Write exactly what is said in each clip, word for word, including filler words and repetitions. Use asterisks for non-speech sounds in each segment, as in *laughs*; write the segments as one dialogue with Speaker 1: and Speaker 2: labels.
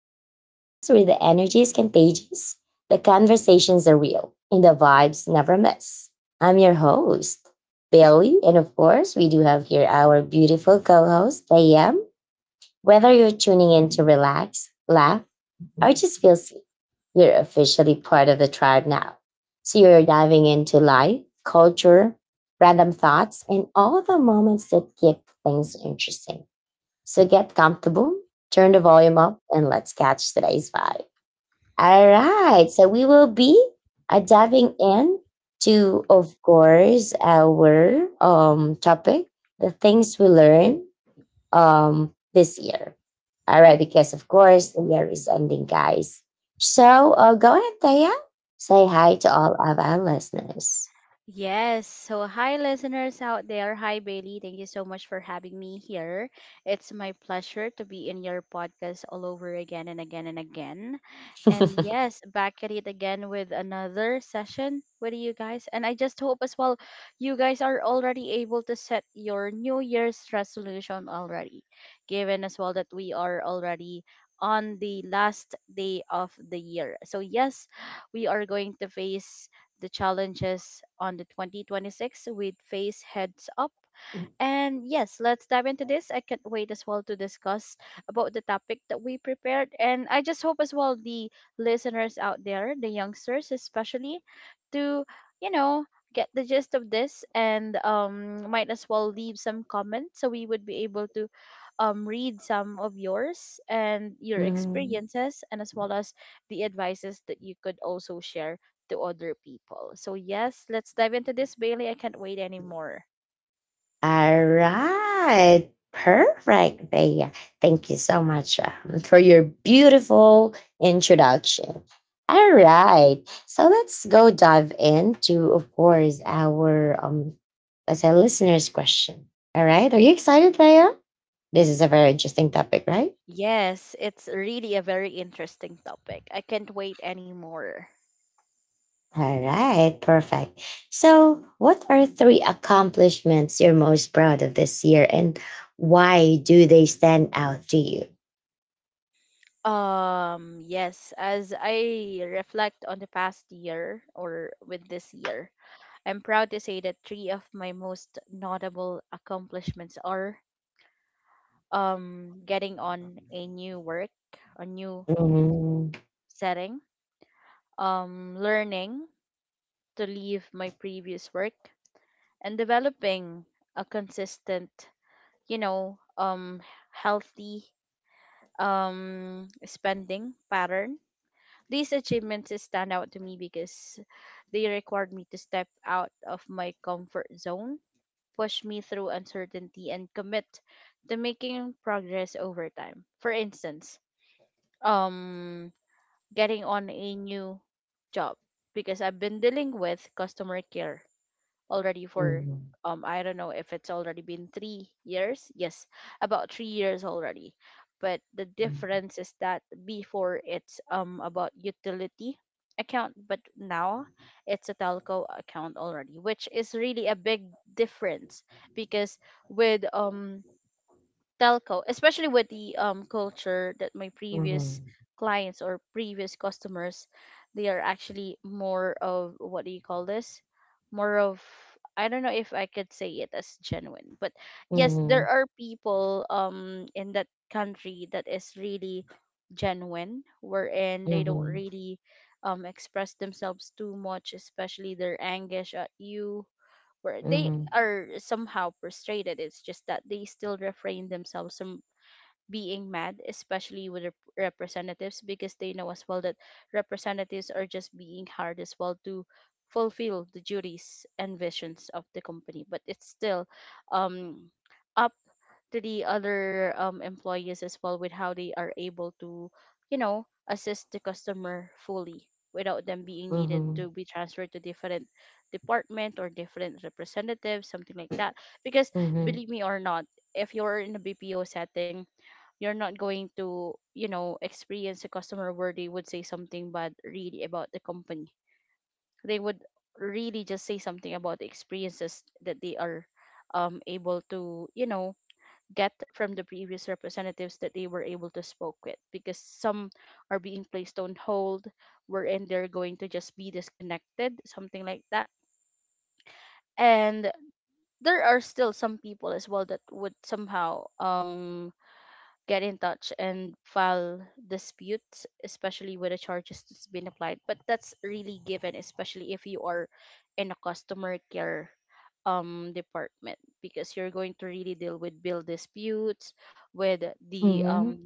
Speaker 1: a podcast where the energy is contagious, the conversations are real, and the vibes never miss. I'm your host, Bailey, and of course, we do have here our beautiful co host, Liam. Whether you're tuning in to relax, laugh, or just feel sweet, you're officially part of the tribe now. So you're diving into life, culture, random thoughts, and all the moments that keep things interesting. So get comfortable, turn the volume up, and let's catch today's vibe. All right. So we will be uh, diving in to, of course, our um, topic, the things we learn um, this year. All right. Because, of course, the year is ending, guys. So uh, go ahead, Thea. Say hi to all of our listeners. *laughs* Mhm. All right. Perfect. Bea. Thank you so much um, for your beautiful introduction. All right. So let's go dive into, of course, our um as a listeners question. All right. Are you excited, Leia? This is a very interesting topic, right? All right, perfect. So, what are three accomplishments you're most proud of this year and why do they stand out to you? Mm-hmm. Mhm, mhm, mhm, mhm, mhm, mhm, mhm, mhm, mhm, mhm,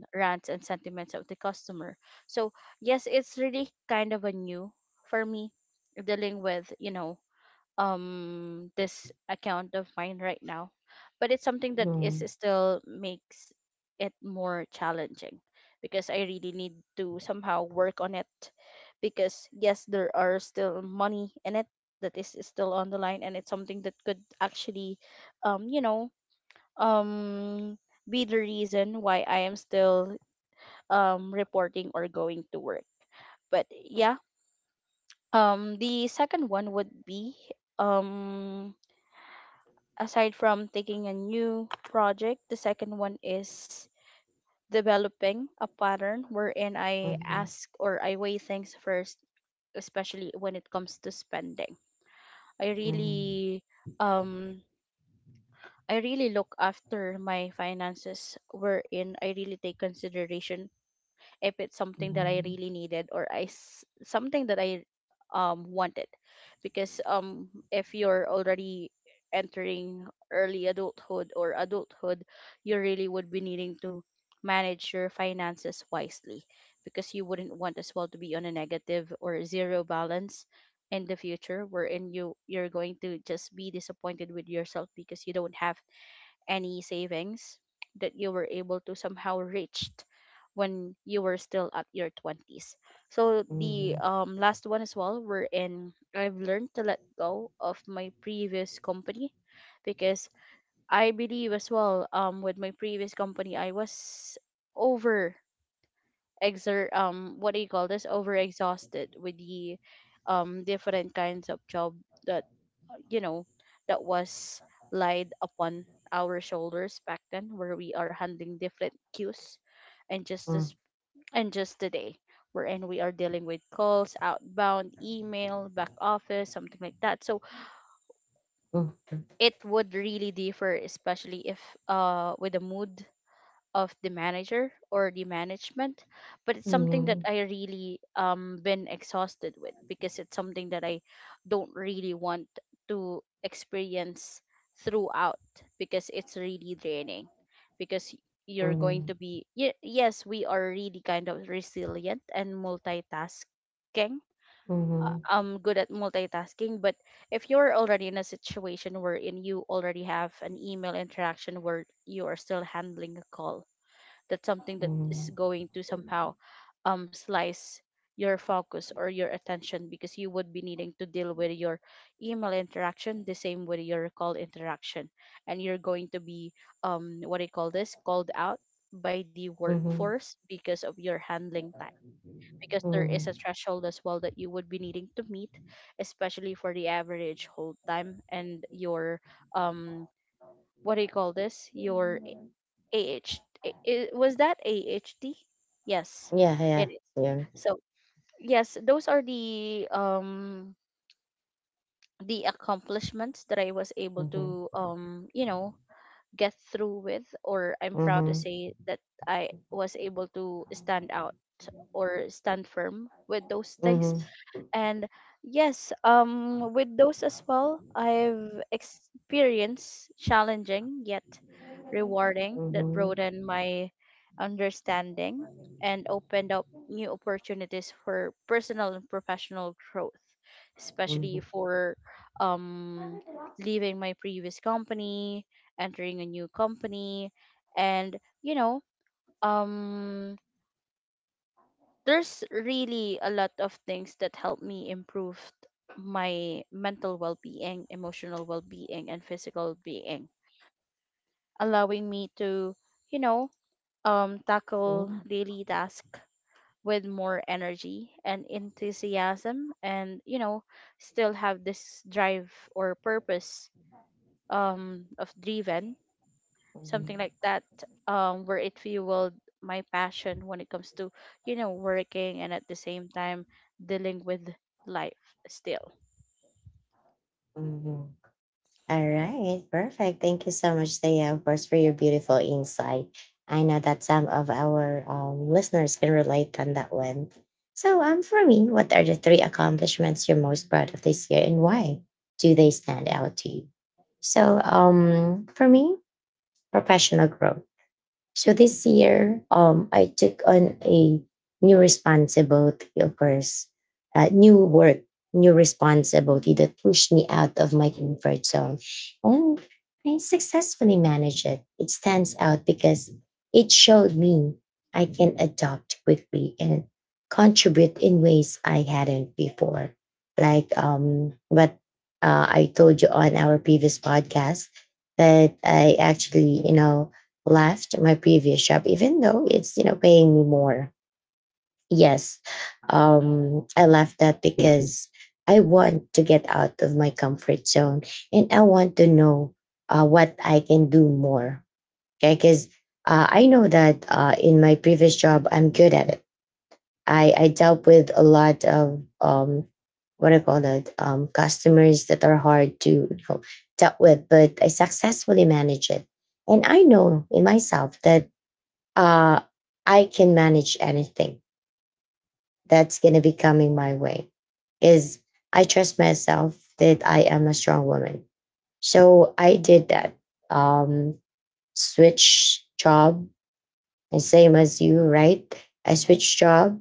Speaker 1: mhm, mhm, mhm, mhm, mhm, mhm, mhm, mhm, mhm, mhm, mhm, mhm. Yeah, yeah, yeah. Mhm, mhm, mhm, mhm, mhm, mhm, mhm, mhm. All right, perfect. Thank you so much, Thea, of course, for your beautiful insight. I know that some of our um, listeners can relate on that one. So, um, for me, what are the three accomplishments you're most proud of this year, and why do they stand out to you? So, um, for me, professional growth. So this year, um, I took on a new responsibility, of course, uh, new work, new responsibility that pushed me out of my comfort zone. And I successfully managed it. It stands out because it showed me I can adapt quickly and contribute in ways I hadn't before. Like um, what uh, I told you on our previous podcast, that I actually, you know, left my previous job, even though it's you know paying me more. Yes, um, I left that because I want to get out of my comfort zone and I want to know uh, what I can do more. Okay, because uh, I know that uh, in my previous job I'm good at it. I I dealt with a lot of um, what I call that um, customers that are hard to you know, dealt with, but I successfully manage it. And I know in myself that uh, I can manage anything that's going to be coming my way. Because I trust myself that I am a strong woman. So I did that. Um, Switch job, and same as you, right? I switched job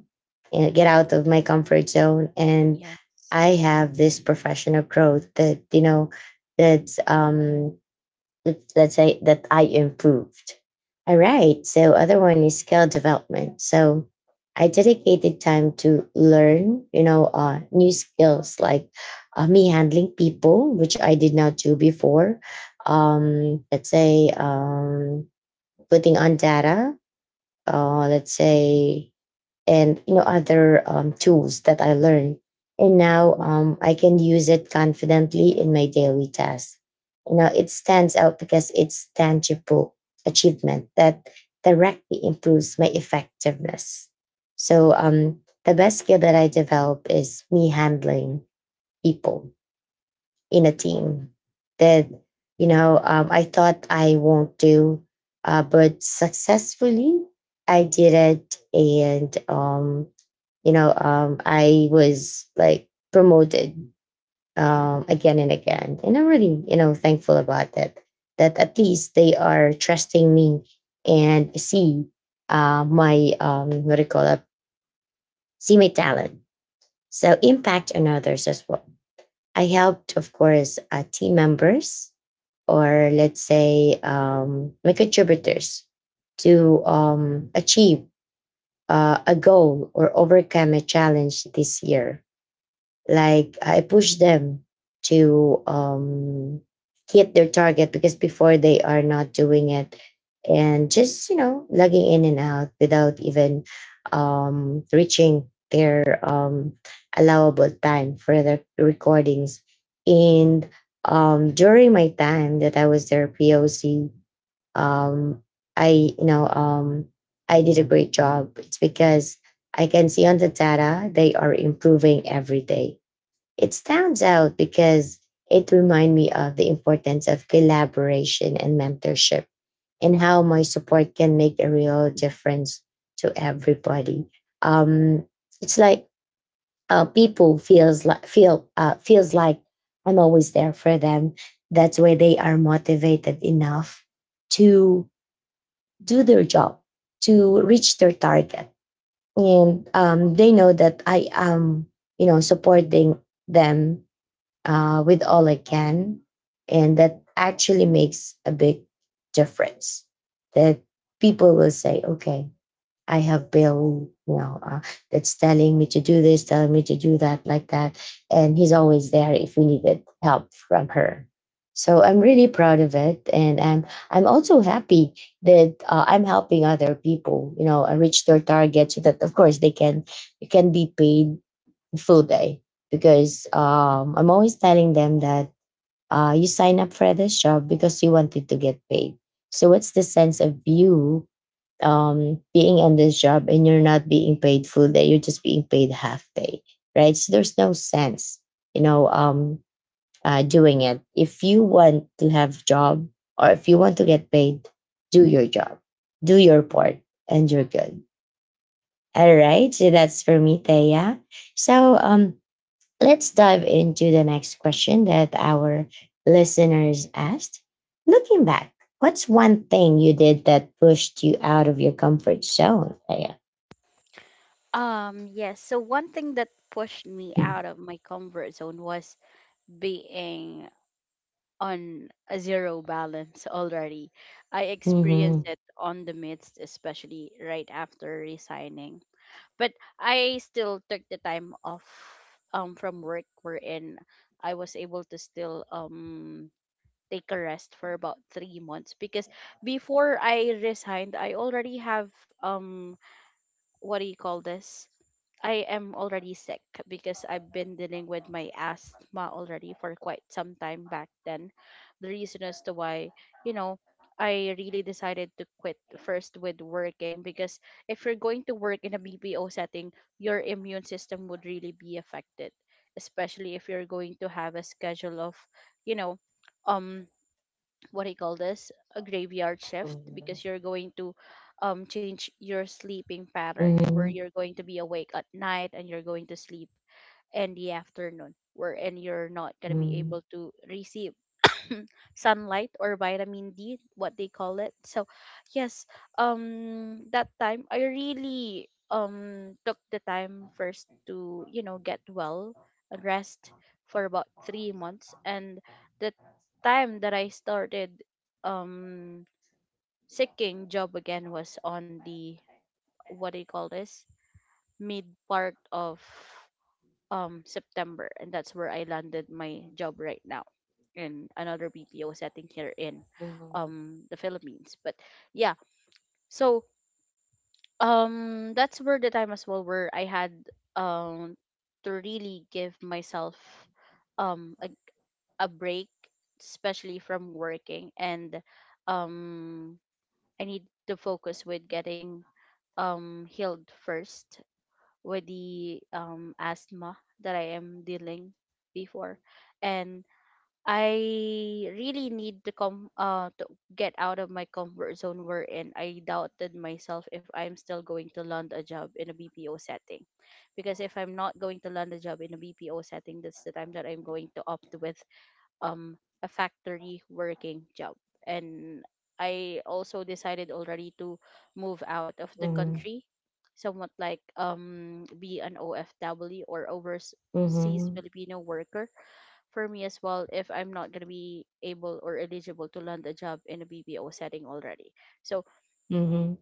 Speaker 1: and get out of my comfort zone. And I have this professional growth that, you know, that's um, let's, let's say that I improved. All right. So other one is skill development. So I dedicated time to learn, you know, uh, new skills like uh, me handling people, which I did not do before. Um, let's say um, putting on data. Uh, let's say and you know other um, tools that I learned. And now um, I can use it confidently in my daily tasks. You know, it stands out because it's tangible achievement that directly improves my effectiveness. So um, the best skill that I develop is me handling people in a team that you know um, I thought I won't do, uh, but successfully I did it, and um, you know, um, I was like promoted um, again and again, and I'm really, you know, thankful about that. That at least they are trusting me and see uh, my um, what do you call it? See my talent. So impact on others as well. I helped, of course, uh, team members or let's say um, my contributors to um, achieve uh, a goal or overcome a challenge this year like I push them to um hit their target because before they are not doing it and just you know logging in and out without even um reaching their um allowable time for their recordings and um during my time that I was their POC um I you know um I did a great job. It's because I can see on the data they are improving every day. It stands out because it reminds me of the importance of collaboration and mentorship and how my support can make a real difference to everybody. Um, it's like uh, people feels like feel uh, feels like I'm always there for them. That's why they are motivated enough to do their job, to reach their target, and um, they know that I am, you know, supporting them uh, with all I can. And that actually makes a big difference. That people will say, okay, I have Bill, you know, uh, that's telling me to do this, telling me to do that, like that. And he's always there if we needed help from her. So I'm really proud of it. And I'm, I'm also happy that uh, I'm helping other people, you know, uh, reach their target so that, of course, they can, they can be paid full day because um, I'm always telling them that uh, you sign up for this job because you wanted to get paid. So what's the sense of you um, being on this job and you're not being paid full day? You're just being paid half day, right? So there's no sense, you know, um, uh, doing it. If you want to have job or if you want to get paid, do your job, do your part, and you're good. All right, so that's for me, Thea. So um, let's dive into the next question that our listeners asked. Looking back, what's one thing you did that pushed you out of your comfort zone? Yeah. Mhm. Mhm. Mhm. Mhm. Mhm. Mhm.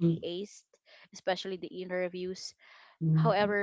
Speaker 1: Mhm. Mhm.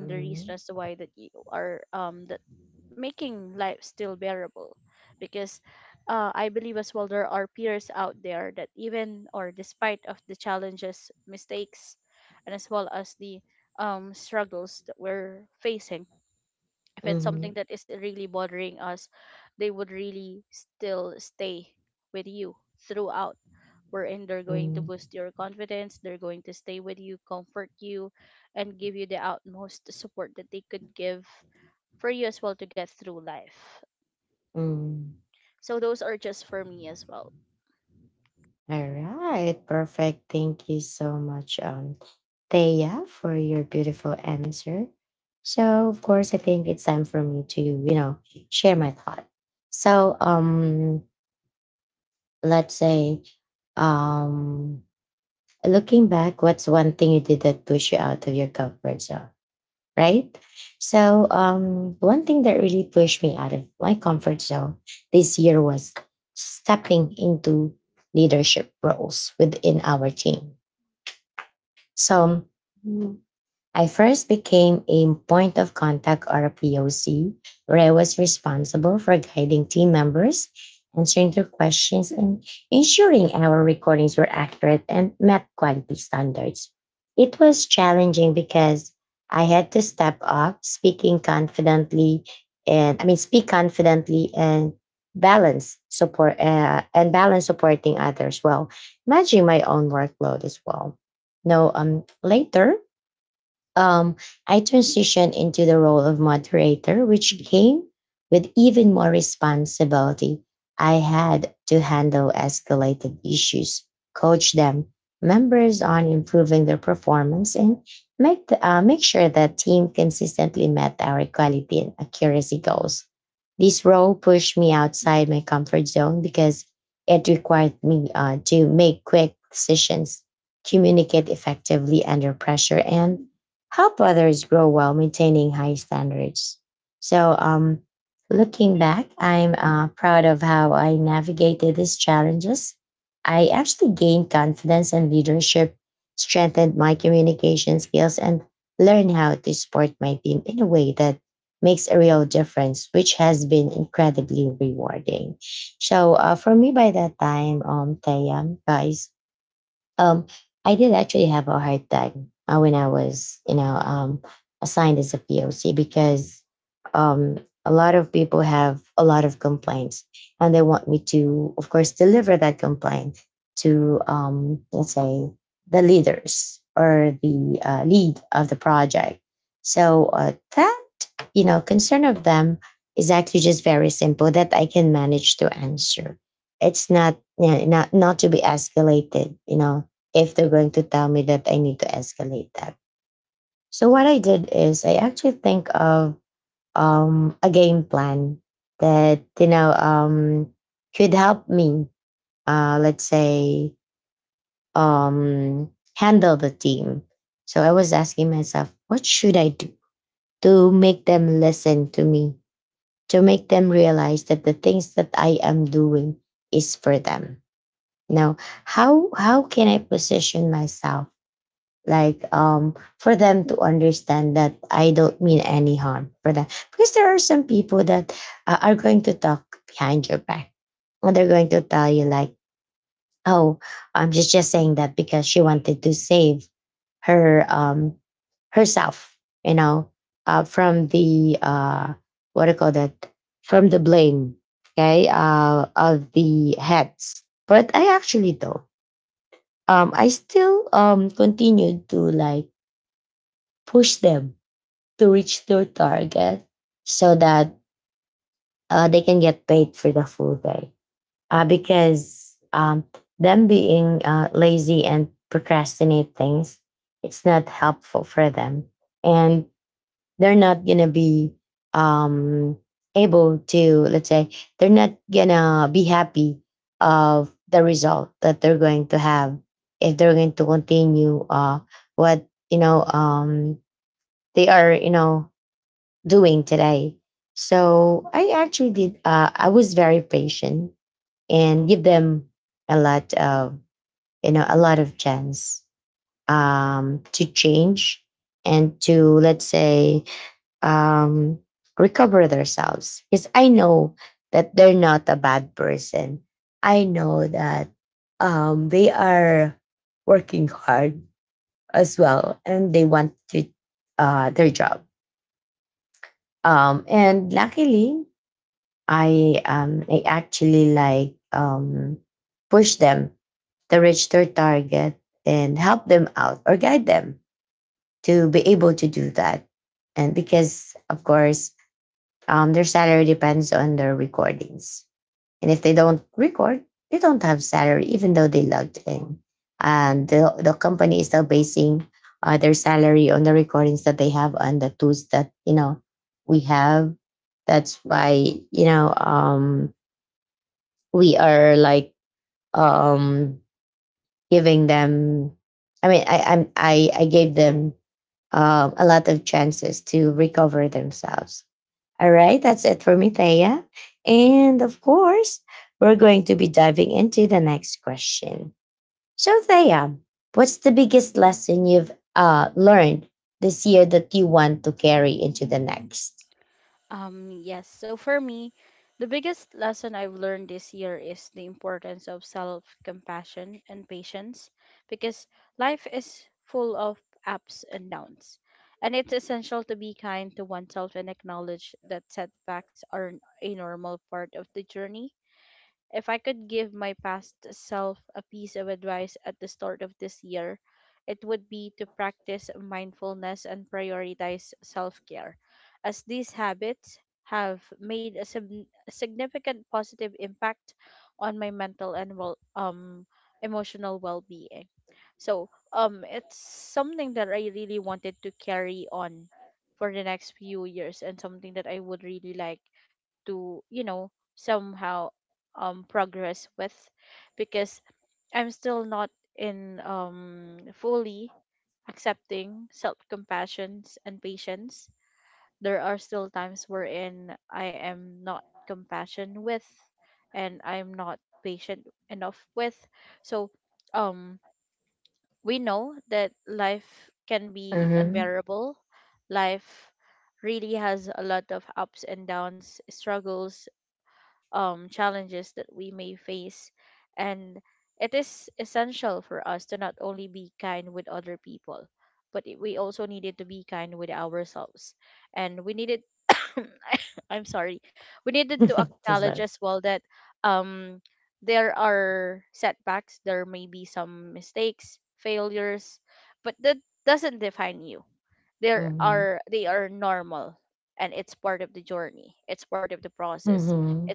Speaker 1: Mhm. Mhm. Mhm. All right, perfect. Thank you so much, um, Thea, for your beautiful answer. So, of course, I think it's time for me to, you know, share my thought. So, um, let's say, um, looking back, what's one thing you did that pushed you out of your comfort zone, right? So, um, one thing that really pushed me out of my comfort zone this year was stepping into leadership roles within our team. So mm, I first became a point of contact or a P O C, where I was responsible for guiding team members, answering their questions, and ensuring our recordings were accurate and met quality standards. It was challenging because I had to step up, speaking confidently, and I mean, speak confidently and balance support uh, and balance supporting others while managing my own workload as well. No um Later um, I transitioned into the role of moderator, which came with even more responsibility. I had to handle escalated issues, coach them, members on improving their performance, and make, the, uh, make sure the team consistently met our quality and accuracy goals. This role pushed me outside my comfort zone because it required me uh, to make quick decisions, communicate effectively under pressure, and help others grow while maintaining high standards. So, um, looking back, I'm uh, proud of how I navigated these challenges. I actually gained confidence and leadership, strengthened my communication skills, and learned how to support my team in a way that makes a real difference, which has been incredibly rewarding. So, uh, for me, by that time, um, Tayam, guys, um, I did actually have a hard time uh, when I was, you know, um, assigned as a P O C because um, a lot of people have a lot of complaints, and they want me to, of course, deliver that complaint to, um, let's say, the leaders or the uh, lead of the project. So uh, that, you know, concern of them is actually just very simple that I can manage to answer. It's not, yeah, not, not to be escalated, you know, if they're going to tell me that I need to escalate that. So what I did is I actually think of um, a game plan that you know um, could help me, uh, let's say, um, handle the team. So I was asking myself, what should I do to make them listen to me, to make them realize that the things that I am doing is for them. Now, how how can I position myself? Like um for them to understand that I don't mean any harm for them, because there are some people that uh, are going to talk behind your back and they're going to tell you like, oh, i'm just just saying that because she wanted to save her um herself you know uh from the uh what do you call that, from the blame. Okay, uh of the heads, but I actually don't. um I still um continued to like push them to reach their target so that uh, they can get paid for the full day. Uh, because um, them being uh, lazy and procrastinate things, it's not helpful for them. And they're not going to be um, able to, let's say, they're not going to be happy of the result that they're going to have if they're going to continue uh, what, you know, um, they are, you know, doing today. So I actually did. Uh, I was very patient and give them a lot of you know a lot of chance um, to change and to, let's say, um, recover themselves. Because I know that they're not a bad person. I know that um, they are working hard as well, and they want to uh, their job. Um, and luckily, I um I actually like um push them to reach their target and help them out or guide them to be able to do that. And because, of course, um their salary depends on their recordings. And if they don't record, they don't have salary even though they logged in. And the the company is still basing uh, their salary on the recordings that they have on the tools that, you know, we have. That's why, you know, um we are like um giving them. I mean i I'm, i i gave them um a lot of chances to recover themselves. All right, that's it for me, Thea. And of course we're going to be diving into the next question. So, Thea, what's the biggest lesson you've uh learned this year that you want to carry into the next? Mm-hmm. *laughs* This one. Mm-hmm. Mm-hmm.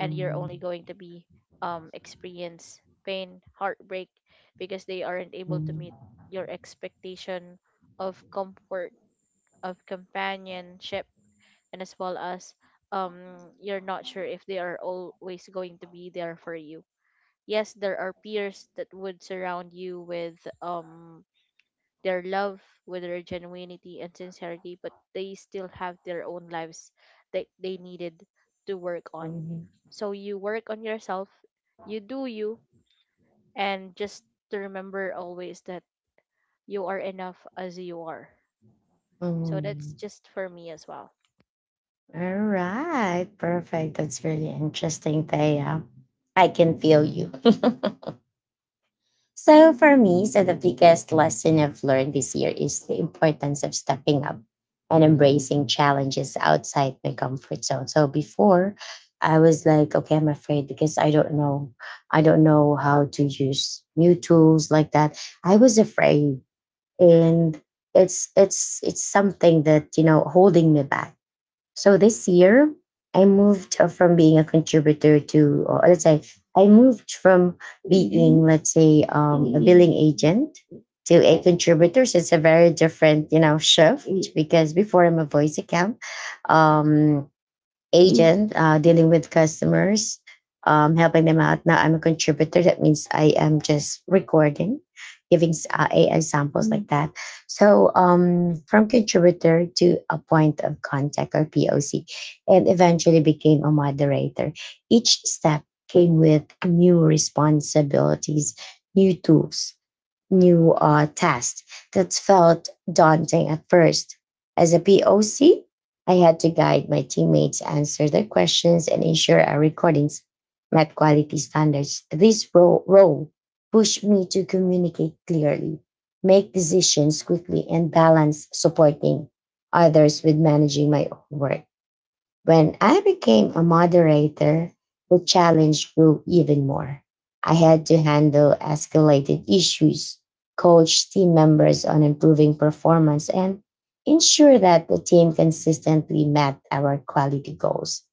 Speaker 1: Mm-hmm. Mhm. Mm. All right. Perfect. That's really interesting, Thea. I can feel you. *laughs* So for me, so the biggest lesson I've learned this year is the importance of stepping up and embracing challenges outside my comfort zone. So before, I was like, okay, I'm afraid because I don't know. I don't know how to use new tools like that. I was afraid, and it's it's it's something that, you know, holding me back. So this year, I moved uh, from being a contributor to, or let's say, I moved from being, let's say, um, a billing agent to a contributor. So it's a very different, you know, shift, because before I'm a voice account, um, agent uh, dealing with customers, um, helping them out. Now I'm a contributor. That means I am just recording, giving s- uh, A I samples like that. So um, from contributor to a point of contact or P O C, and eventually became a moderator. Each step came with new responsibilities, new tools, new uh, task that felt daunting at first. As a P O C, I had to guide my teammates, answer their questions, and ensure our recordings met quality standards. This ro- role pushed me to communicate clearly, make decisions quickly, and balance supporting others with managing my own work. When I became a moderator, the challenge grew even more. I had to handle escalated issues, coach team members on improving performance, and ensure that the team consistently met our quality goals.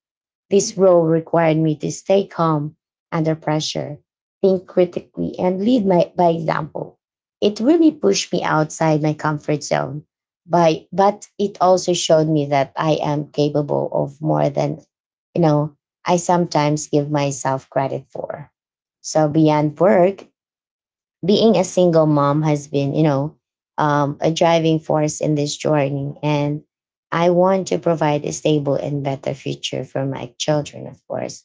Speaker 1: This role required me to stay calm under pressure, think critically, and lead my, by example. It really pushed me outside my comfort zone, by, but it also showed me that I am capable of more than, you know, I sometimes give myself credit for. So beyond work, being a single mom has been, you know, um, a driving force in this journey. And I want to provide a stable and better future for my children, of course,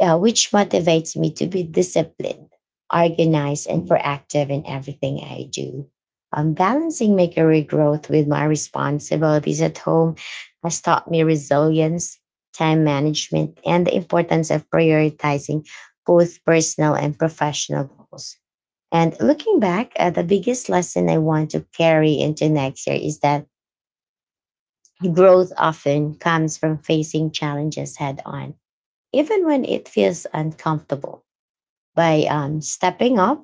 Speaker 1: uh, which motivates me to be disciplined, organized, and proactive in everything I do. Um, balancing my career growth with my responsibilities at home has taught me resilience, time management, and the importance of prioritizing both personal and professional goals. And looking back, uh, the biggest lesson I want to carry into next year is that growth often comes from facing challenges head on, even when it feels uncomfortable, by um, stepping up,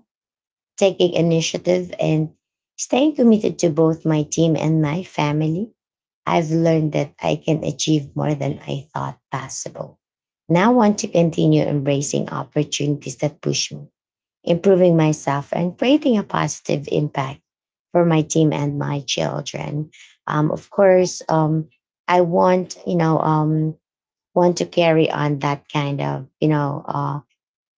Speaker 1: taking initiative, and staying committed to both my team and my family. I've learned that I can achieve more than I thought possible. Now, I want to continue embracing opportunities that push me, improving myself and creating a positive impact for my team and my children. Um, of course, um, I want, you know, um, want to carry on that kind of, you know, uh,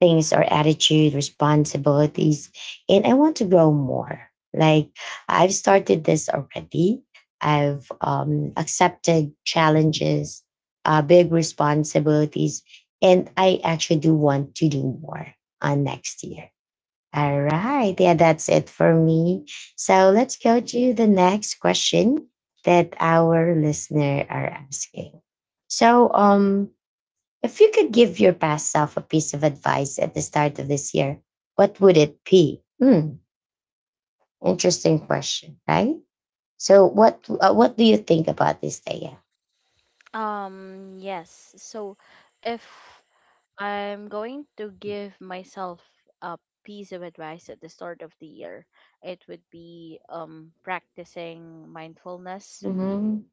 Speaker 1: things or attitude, responsibilities, and I want to grow more. Like, I've started this already. I've um, accepted challenges, uh, big responsibilities, and I actually do want to do more on next year. All right. Yeah, that's it for me. So let's go to the next question that our listener are asking. So, um, if you could give your past self a piece of advice at the start of this year, what would it be? Hmm, interesting question, right? So, what uh, what do you think about this day? Yeah. Mm-hmm.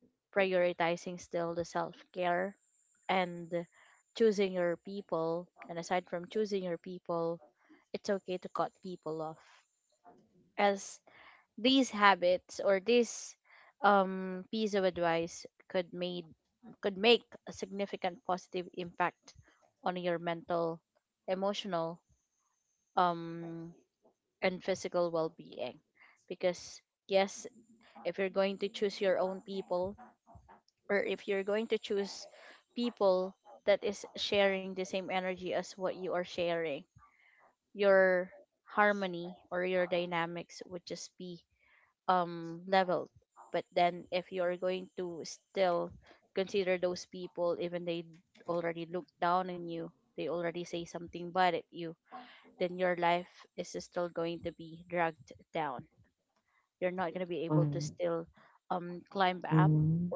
Speaker 1: Mm-hmm.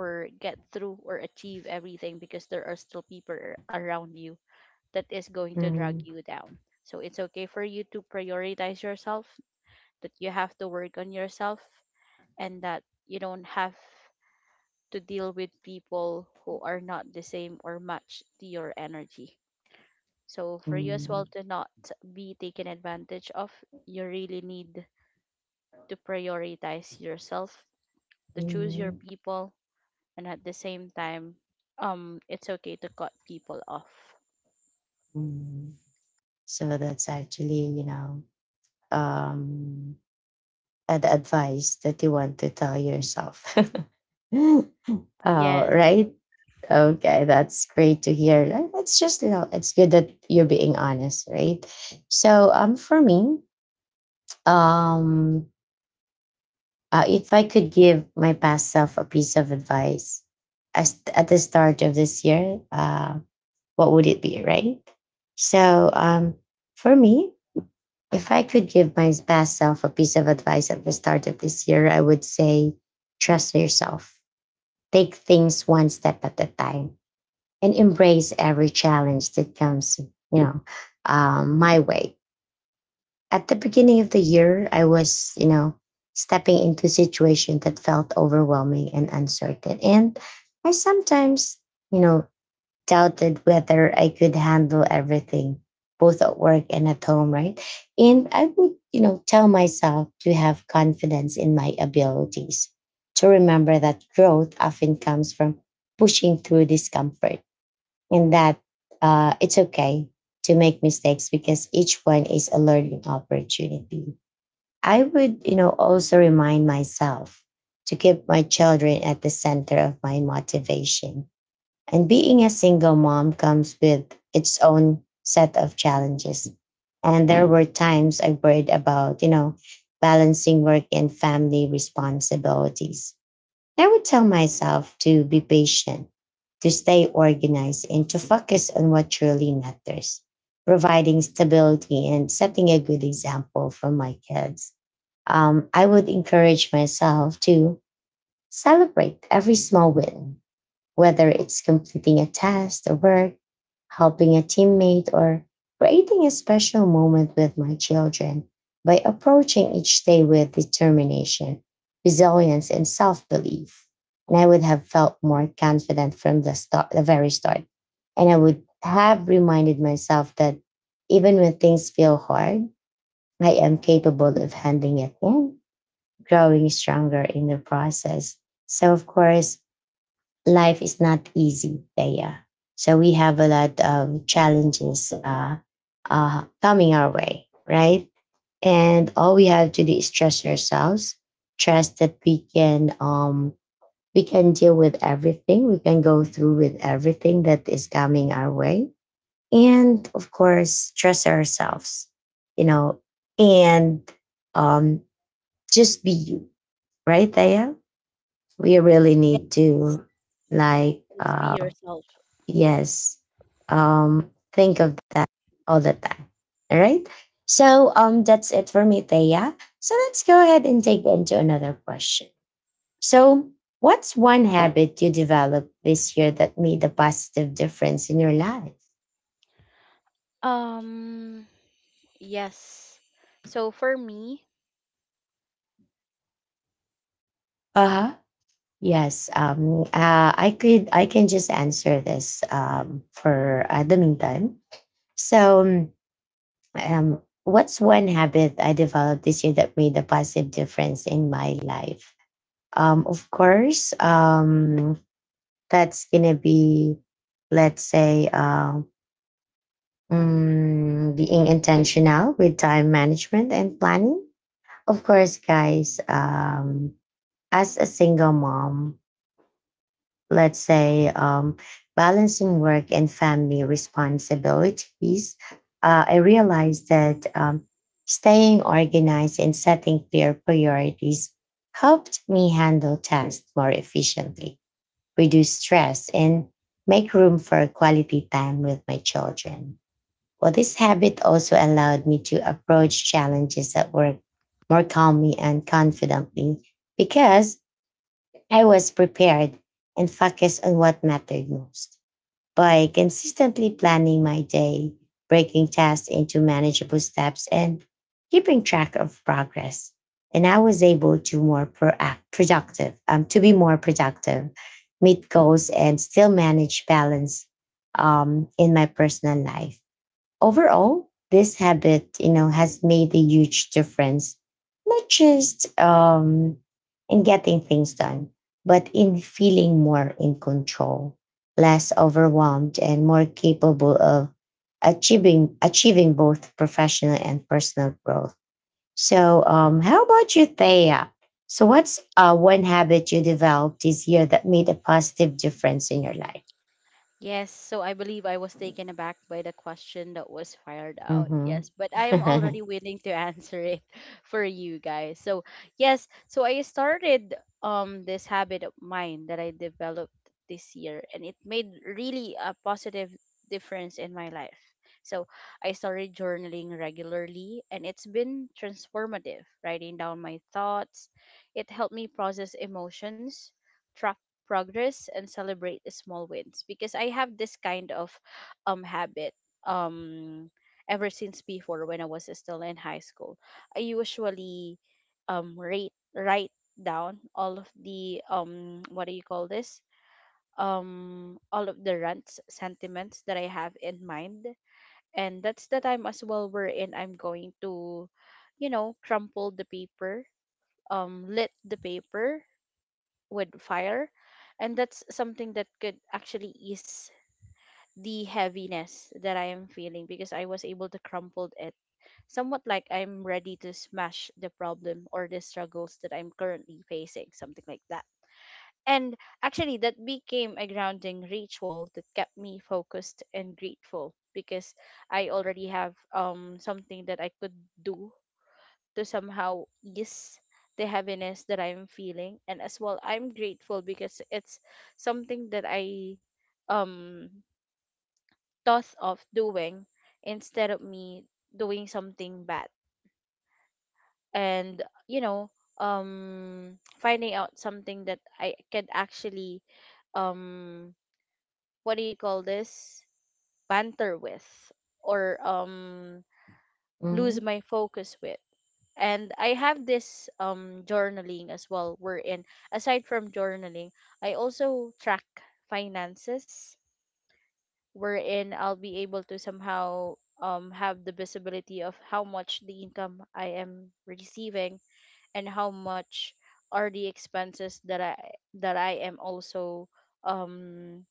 Speaker 1: Mm-hmm. Mm-hmm. So that's actually, you know, um an advice that you want to tell yourself. *laughs* Oh, right. Okay, that's great to hear. And it's just, you know, it's good that you're being honest, right? So, um, for me, um, uh, if I could give my past self a piece of advice as at the start of this year, uh, what would it be, right? So, um, for me, if I could give my past self a piece of advice at the start of this year, I would say, trust yourself. Take things one step at a time and embrace every challenge that comes, you know, um, my way. At the beginning of the year, I was, you know, stepping into a situation that felt overwhelming and uncertain, and I sometimes, you know, doubted whether I could handle everything, both at work and at home, right? And I would, you know, tell myself to have confidence in my abilities, to remember that growth often comes from pushing through discomfort, and that uh, it's okay to make mistakes because each one is a learning opportunity. I would, you know, also remind myself to keep my children at the center of my motivation, and being a single mom comes with its own set of challenges. And there were times I worried about, you know, balancing work and family responsibilities. I would tell myself to be patient, to stay organized, and to focus on what truly matters, providing stability and setting a good example for my kids. Um, I would encourage myself to celebrate every small win, whether it's completing a test or work, helping a teammate, or creating a special moment with my children, by approaching each day with determination, resilience, and self belief. And I would have felt more confident from the start, the very start. And I would have reminded myself that even when things feel hard, I am capable of handling it and growing stronger in the process. So, of course, life is not easy there. So we have a lot of challenges uh, uh, coming our way, right? And all we have to do is trust ourselves, trust that we can, um, we can deal with everything, we can go through with everything that is coming our way, and of course, trust ourselves, you know, and um, just be you, right? There, we really need to like. Uh, Yes. Um, think of that all the time. All right. So um, that's it for me, Thea. So let's go ahead and take into another question. So, what's one habit you developed this year that made a positive difference in your life? Uh huh. Yes. Um. Uh, I could. I can just answer this. Um. For uh, the meantime. So. Um. um, what's one habit I developed this year that made a positive difference in my life? Um, of course, um, that's gonna be, let's say, uh, mm, being intentional with time management and planning. Of course, guys, um, as a single mom, let's say, um, balancing work and family responsibilities, uh, I realized that um, staying organized and setting clear priorities helped me handle tasks more efficiently, reduce stress, and make room for quality time with my children. Well, this habit also allowed me to approach challenges at work more calmly and confidently because I was prepared and focused on what mattered most. By consistently planning my day, breaking tasks into manageable steps, and keeping track of progress, and I was able to more proac- productive, um, to be more productive, meet goals, and still manage balance um, in my personal life. Overall, this habit, you know, has made a huge difference, not just um, in getting things done, but in feeling more in control, less overwhelmed, and more capable of achieving achieving both professional and personal growth. So, um, how about you, Thea? So, what's uh, one habit you developed this year that made a positive difference in your life?
Speaker 2: Yes, so I believe I was taken aback by the question that was fired out.
Speaker 1: Mm-hmm.
Speaker 2: Yes, but I am already willing to answer it *laughs* for you guys. So, yes, so I started um this habit of mine that I developed this year and it made really a positive difference in my life. So, I started journaling regularly and it's been transformative, writing down my thoughts. It helped me process emotions progress and celebrate the small wins because I have this kind of um habit um ever since before when I was still in high school. I usually um rate write down all of the um what do you call this? Um all of the rants, sentiments that I have in mind. And that's the time as well wherein I'm going to, you know, crumple the paper, um lit the paper with fire. And that's something that could actually ease the heaviness that I am feeling because I was able to crumple it, somewhat like I'm ready to smash the problem or the struggles that I'm currently facing, something like that. And actually, that became a grounding ritual that kept me focused and grateful because I already have um something that I could do to somehow ease the heaviness that I'm feeling. And as well, I'm grateful because it's something that I um thought of doing instead of me doing something bad. And you know, um finding out something that I can actually um what do you call this, banter with, or um lose my focus with. And I have this um journaling as well wherein aside from journaling, I also track finances wherein I'll be able to somehow um have the visibility of how much the income I am receiving and how much are the expenses that I that I am also um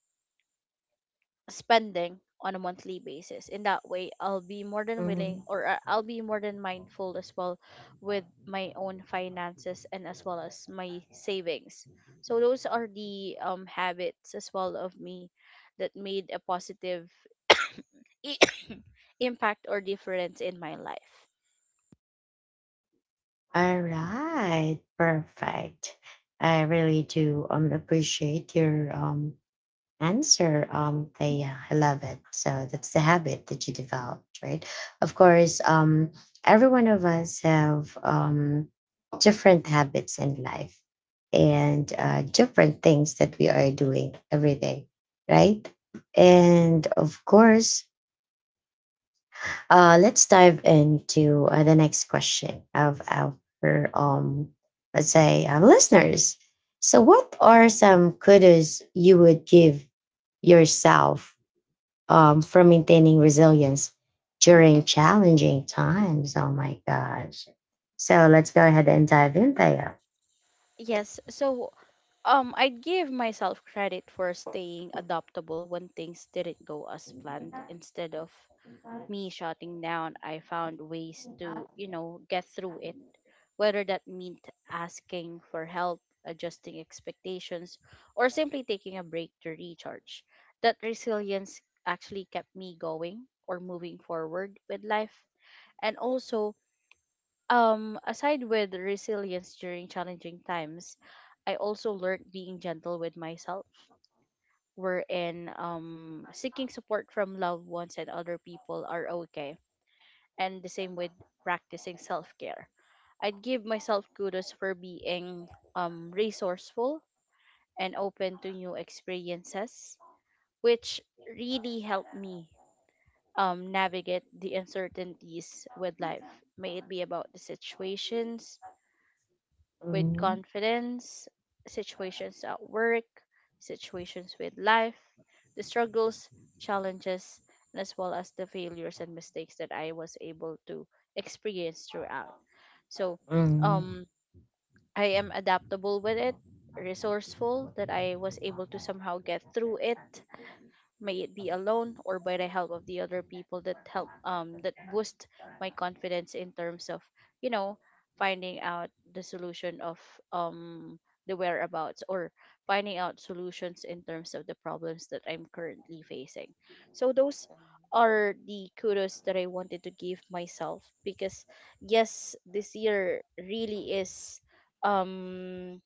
Speaker 2: spending on a monthly basis. In that way, I'll be more than willing,
Speaker 1: *laughs*
Speaker 2: or I- I'll be more than mindful as well with my own finances and as well as my savings. So those are the um habits as well of me that made a positive *coughs* i- *coughs* impact or difference in my life.
Speaker 1: All right, perfect. I really do um appreciate your um answer. Um, Thea. I love it. So that's the habit that you developed, right? Of course, um, every one of us have um different habits in life and uh, different things that we are doing every day, right? And of course, uh, let's dive into uh, the next question of our, um, let's say, our listeners. So, what are some kudos you would give yourself um, for maintaining resilience during challenging times? Oh my gosh. So, let's go ahead and dive in there.
Speaker 2: Yes, so um I'd give myself credit for staying adaptable when things didn't go as planned. Instead of me shutting down, I found ways to, you know, get through it. Whether that meant asking for help, adjusting expectations, or simply taking a break to recharge. That resilience actually kept me going or moving forward with life. And also, um, aside with resilience during challenging times, I also learned being gentle with myself, wherein um seeking support from loved ones and other people are okay, and the same with practicing self-care. I'd give myself kudos for being um resourceful and open to new experiences, which really helped me um navigate the uncertainties with life. May it be about the situations with
Speaker 1: Mhm.
Speaker 2: confidence, situations at work, situations with life, the struggles, challenges, and as well as the failures and mistakes that I was able to experience throughout. So
Speaker 1: Mhm.
Speaker 2: um, I am adaptable with it, resourceful, that I was able to somehow get through it, may it be alone or by the help of the other people that help, um that boost my confidence in terms of, you know, finding out the solution of um the whereabouts, or finding out solutions in terms of the problems that I'm currently facing. So those are the kudos that I wanted to give myself because, yes, this year really is um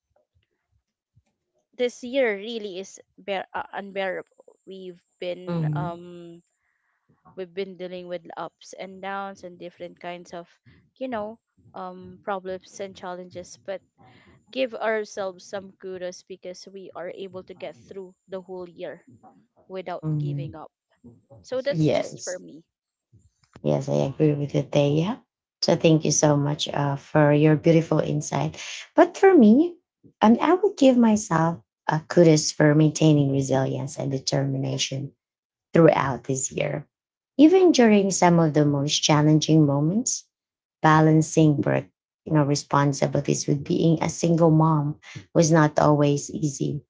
Speaker 2: this year really is bear- uh, unbearable. We've been um we've been dealing with ups and downs and different kinds of, you know, um, problems and challenges. But give ourselves some kudos because we are able to get through the whole year without giving
Speaker 1: Mhm.
Speaker 2: up. So that's just for
Speaker 1: Yes.
Speaker 2: me.
Speaker 1: Yes, I agree with you, Thea. So thank you so much uh, for your beautiful insight. But for me, um, I would give myself a kudos for maintaining resilience and determination throughout this year. Even during some of the most challenging moments, balancing work, you know, responsibilities with being a single mom was not always easy.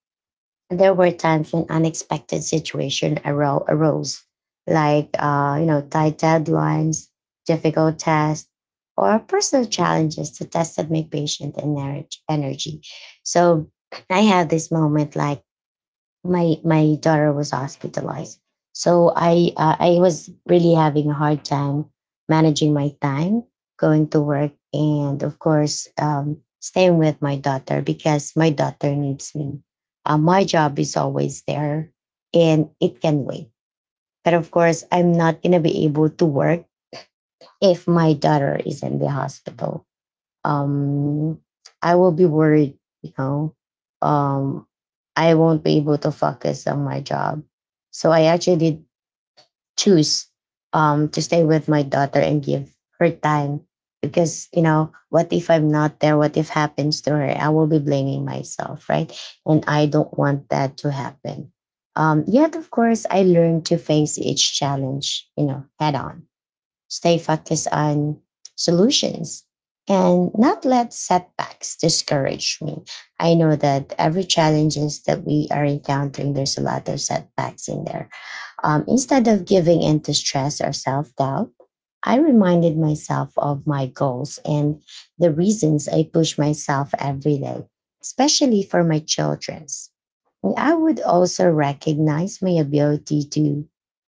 Speaker 1: There were times when unexpected situations aro- arose, like uh, you know, tight deadlines, difficult tests, or personal challenges to test my make patient and energy. energy. So I had this moment like my my daughter was hospitalized, so i uh, i was really having a hard time managing my time, going to work, and of course, um, staying with my daughter because my daughter needs me. Uh, my job is always there and it can wait, but of course I'm not going to be able to work if my daughter is in the hospital. um I will be worried, you know. Um I won't be able to focus on my job. So I actually did choose um to stay with my daughter and give her time because, you know, what if I'm not there, what if happens to her, I will be blaming myself, right? And I don't want that to happen. Um yet of course I learned to face each challenge, you know, head on, stay focused on solutions, and not let setbacks discourage me. I know that every challenges that we are encountering, there's a lot of setbacks in there. Um, instead of giving in to stress or self doubt, I reminded myself of my goals and the reasons I push myself every day, especially for my children's. And I would also recognize my ability to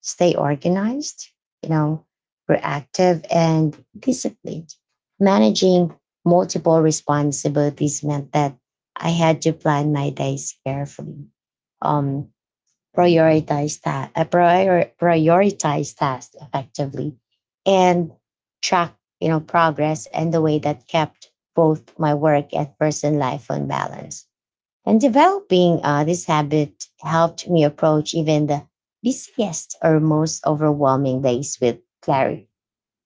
Speaker 1: stay organized, you know, proactive and disciplined. Managing multiple responsibilities meant that I had to plan my days carefully, um, prioritize that, I prior- prioritize tasks effectively, and track, you know, progress, and the way that kept both my work and personal life on balance. And developing uh, this habit helped me approach even the busiest or most overwhelming days with clarity,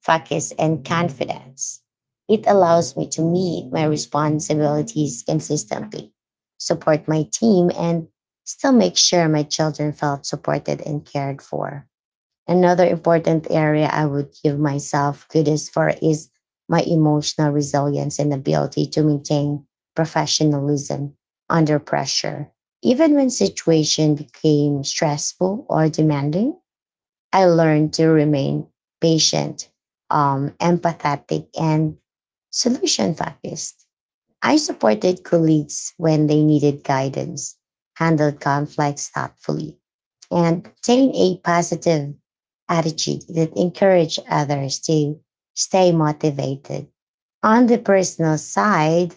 Speaker 1: focus, and confidence. It allows me to meet my responsibilities consistently, support my team, and still make sure my children felt supported and cared for. Another important area I would give myself credit for is my emotional resilience and ability to maintain professionalism under pressure. Even when situation became stressful or demanding, I learned to remain patient, um, empathetic, and solution focused. I supported colleagues when they needed guidance, handled conflicts thoughtfully, and maintained a positive attitude that encouraged others to stay motivated. On the personal side,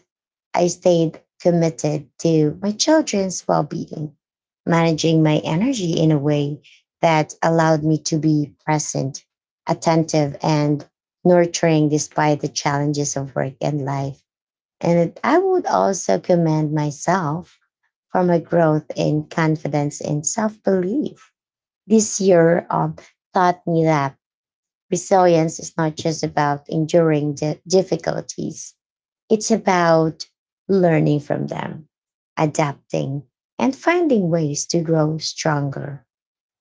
Speaker 1: I stayed committed to my children's well being, managing my energy in a way that allowed me to be present, attentive, and nurturing despite the challenges of work and life. And it- I would also commend myself for my growth in confidence and self belief. This year um, taught me that resilience is not just about enduring the difficulties, it's about learning from them, adapting, and finding ways to grow stronger.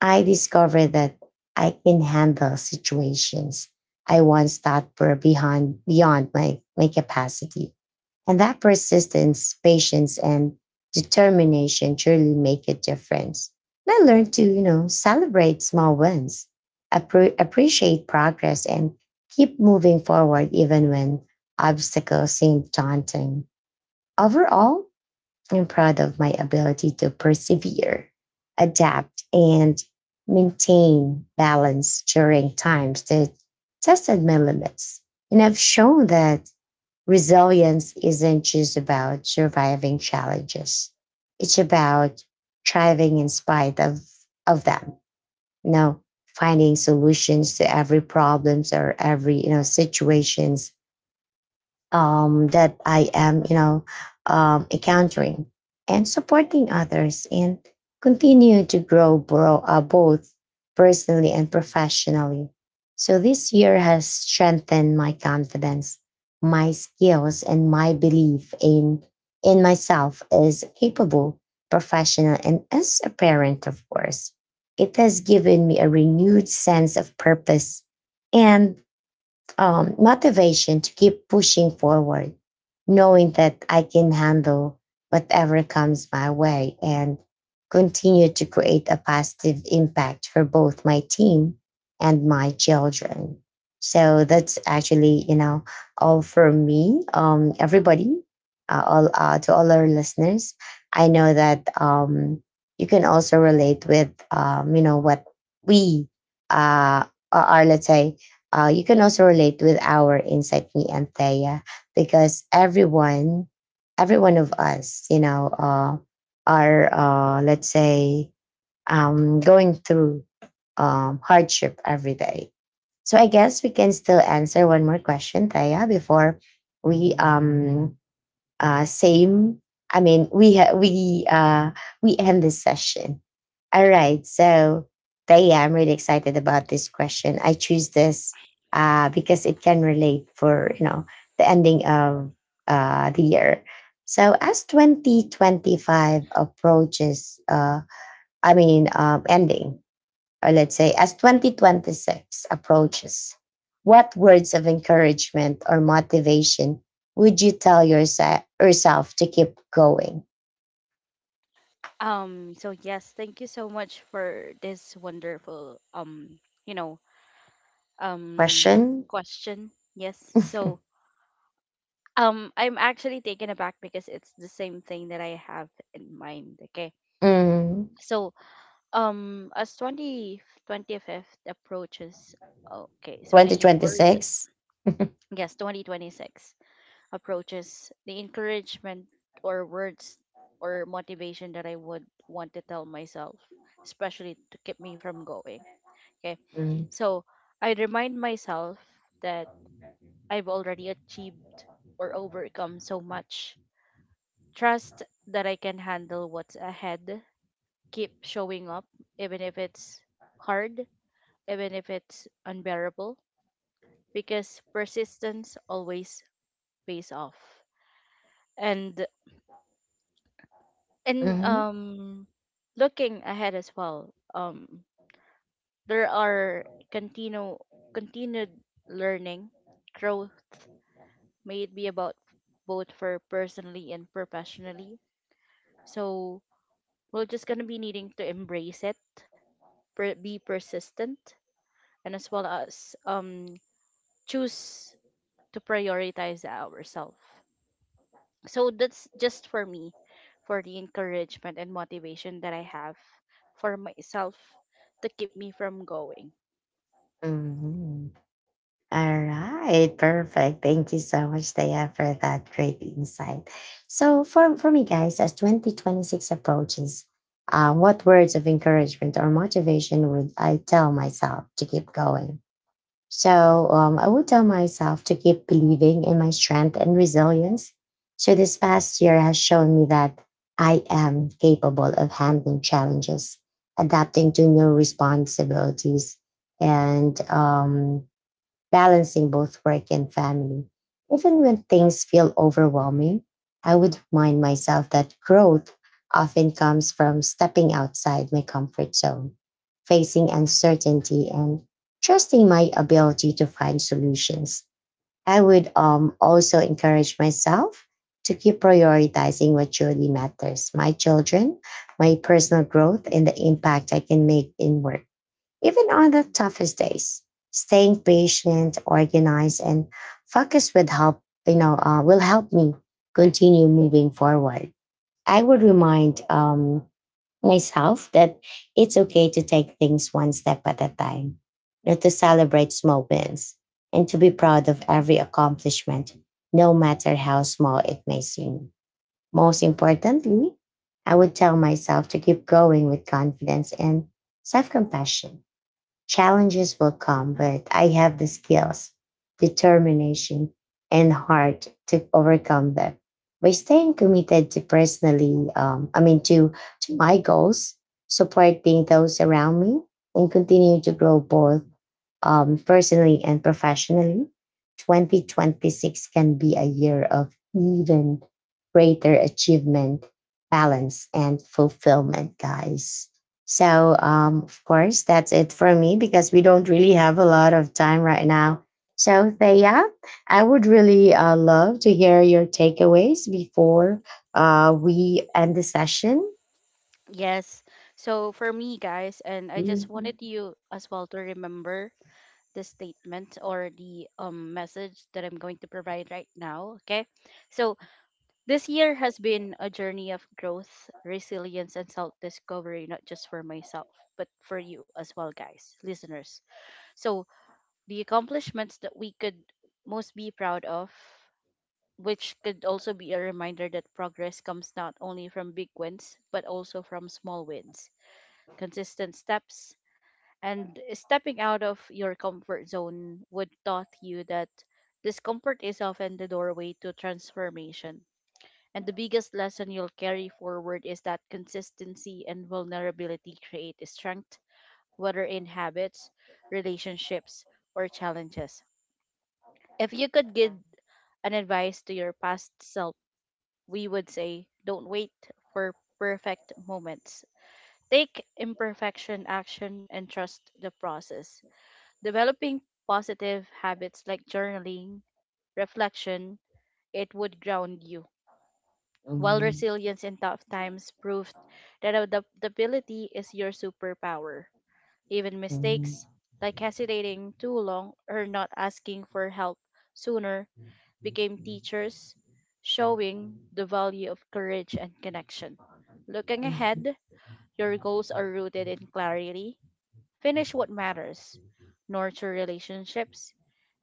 Speaker 1: I discovered that I can handle situations I once thought were beyond, beyond my, my capacity, and that persistence, patience, and determination truly make a difference. And I learned to, you know, celebrate small wins, appre- appreciate progress, and keep moving forward even when obstacles seem daunting. Overall, I'm proud of my ability to persevere, adapt, and maintain balance during times that tested my limits. And I've shown that resilience isn't just about surviving challenges. It's about thriving in spite of, of them, you know, finding solutions to every problems or every, you know, situations um, that I am, you know, um, encountering, and supporting others, and continue to grow bro- uh, both personally and professionally. So this year has strengthened my confidence, my skills, and my belief in in myself as a capable, professional, and as a parent, of course. It has given me a renewed sense of purpose and um, motivation to keep pushing forward, knowing that I can handle whatever comes my way and continue to create a positive impact for both my team and my children. So that's actually, you know, all for me. Um, everybody, uh, all uh, to all our listeners, I know that um, you can also relate with, um, you know, what we uh, are, let's say, uh, you can also relate with our insight, me and Thea, because everyone, every one of us, you know, uh, are uh, let's say um, going through um, hardship every day. So I guess we can still answer one more question, Thea, before we um, uh, same. I mean, we ha- we uh, we end this session. All right, so but yeah, I'm really excited about this question. I choose this uh, because it can relate for, you know, the ending of uh, the year. So as twenty twenty-five approaches, uh, I mean, um, ending, or let's say as twenty twenty-six approaches, what words of encouragement or motivation would you tell yourself, yourself to keep going?
Speaker 2: Um, so yes, thank you so much for this wonderful um, you know, um
Speaker 1: Question?
Speaker 2: question. Yes. So um I'm actually taken aback because it's the same thing that I have in mind. Okay.
Speaker 1: Mm.
Speaker 2: So Um, as twenty twenty fifth approaches, okay, so the year words,
Speaker 1: twenty twenty-six?
Speaker 2: yes, twenty twenty-six approaches, the encouragement or words or motivation that I would want to tell myself, especially to keep me from going. Okay,
Speaker 1: Mm.
Speaker 2: so I remind myself that I've already achieved or overcome so much. Trust that I can handle what's ahead. Keep showing up, even if it's hard, even if it's unbearable, because persistence always pays off. And and
Speaker 1: Mhm.
Speaker 2: um looking ahead as well, um there are continue continued learning, growth, may it be about both for personally and professionally. So we're just gonna be needing to embrace it, per- be persistent, and as well as um choose to prioritize ourselves. So that's just for me, for the encouragement and motivation that I have for myself to keep me from going.
Speaker 1: Mhm. All right, perfect. Thank you so much, Taya, for that great insight. So, for, for me, guys, as twenty twenty-six approaches, um, what words of encouragement or motivation would I tell myself to keep going? So um, I would tell myself to keep believing in my strength and resilience. So this past year has shown me that I am capable of handling challenges, adapting to new responsibilities, and um, balancing both work and family. Even when things feel overwhelming, I would remind myself that growth often comes from stepping outside my comfort zone, facing uncertainty, and trusting my ability to find solutions. I would um, also encourage myself to keep prioritizing what truly matters, my children, my personal growth, and the impact I can make in work, even on the toughest days. Staying patient, organized, and focused with help, you know, uh, will help me continue moving forward. I would remind um, myself that it's okay to take things one step at a time, and to celebrate small wins, and to be proud of every accomplishment, no matter how small it may seem. Most importantly, I would tell myself to keep going with confidence and self compassion. Challenges will come, but I have the skills, determination, and heart to overcome them. By staying committed to personally, um, I mean to to my goals, supporting those around me, and continue to grow both um, personally and professionally, twenty twenty-six can be a year of even greater achievement, balance, and fulfillment, guys. So, um, of course, that's it for me because we don't really have a lot of time right now. So, Thea, I would really uh, love to hear your takeaways before uh, we end the session.
Speaker 2: Yes. So for me, guys, and I just wanted you as well to remember the statement or the um, message that I'm going to provide right now. Okay. So this year has been a journey of growth, resilience, and self discovery, not just for myself, but for you as well, guys, listeners. So the accomplishments that we could most be proud of, which could also be a reminder that progress comes not only from big wins, but also from small wins, consistent steps, and stepping out of your comfort zone would taught you that discomfort is often the doorway to transformation. And the biggest lesson you'll carry forward is that consistency and vulnerability create strength, whether in habits, relationships, or challenges. If you could give an advice to your past self, we would say don't wait for perfect moments. Take imperfection action and trust the process. Developing positive habits like journaling, reflection, it would ground you. While
Speaker 1: Mhm,
Speaker 2: resilience in tough times proved that adaptability is your superpower. Even
Speaker 1: mhm,
Speaker 2: mistakes like hesitating too long or not asking for help sooner became teachers, showing the value of courage and connection. Looking ahead, your goals are rooted in clarity, finish what matters, nurture relationships,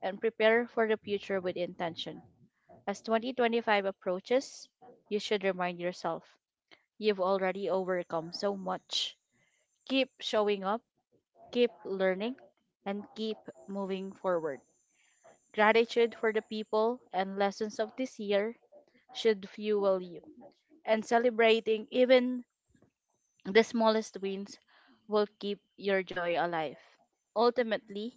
Speaker 2: and prepare for the future with intention. As twenty twenty-five approaches, you should remind yourself you've already overcome so much. Keep showing up, keep learning, and keep moving forward. Gratitude for the people and lessons of this year should fuel you. And celebrating even the smallest wins will keep your joy alive. Ultimately,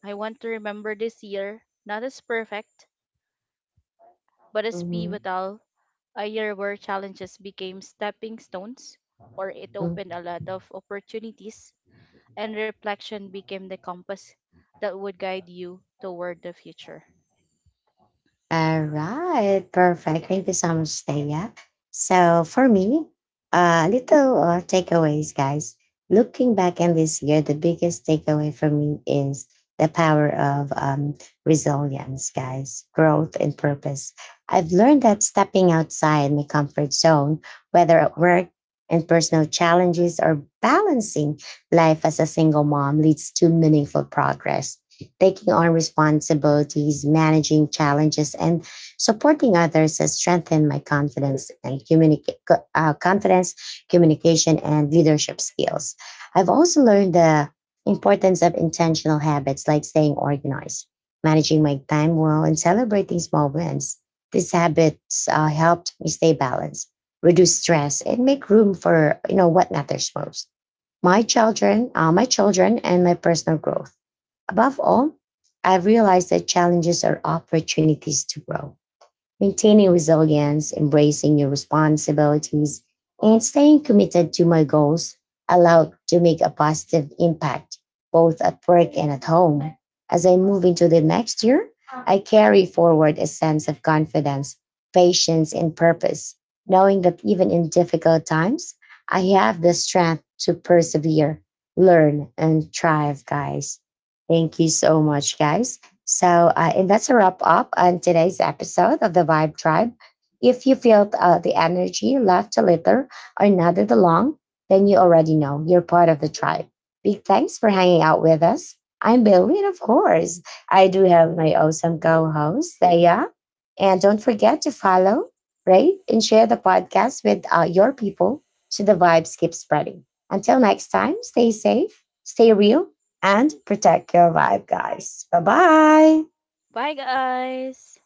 Speaker 2: I want to remember this year not as perfect, but as
Speaker 1: mhm,
Speaker 2: pivotal, a year where challenges became stepping stones, or it opened
Speaker 1: mhm.
Speaker 2: a lot of opportunities, and reflection became the compass that would guide you toward the future.
Speaker 1: All right, perfect. Thank you so much, Taya. So for me, uh, little uh, takeaways, guys. Looking back on this year, the biggest takeaway for me is the power of um, resilience, guys, growth and purpose. I've learned that stepping outside my comfort zone, whether at work and personal challenges or balancing life as a single mom, leads to meaningful progress. Taking on responsibilities, managing challenges, and supporting others has strengthened my confidence and communica- co- uh, confidence, communication, and leadership skills. I've also learned the importance of intentional habits like staying organized, managing my time well, and celebrating small wins. These habits uh, helped me stay balanced, reduce stress, and make room for, you know, what matters most: my children, uh, my children, and my personal growth. Above all, I've realized that challenges are opportunities to grow. Maintaining resilience, embracing your responsibilities, and staying committed to my goals allowed to make a positive impact both at work and at home. As I move into the next year, I carry forward a sense of confidence, patience, and purpose, knowing that even in difficult times, I have the strength to persevere, learn, and thrive, guys. Thank you so much, guys. So, uh, and that's a wrap up on today's episode of the Vibe Tribe. If you feel uh, the energy left a little or nodded along, then you already know you're part of the tribe. Big thanks for hanging out with us. I'm Billy, and of course, I do have my awesome co host, Thea. And don't forget to follow, rate, and share the podcast with uh, your people so the vibes keep spreading. Until next time, stay safe, stay real, and protect your vibe, guys. Bye bye.
Speaker 2: Bye, guys!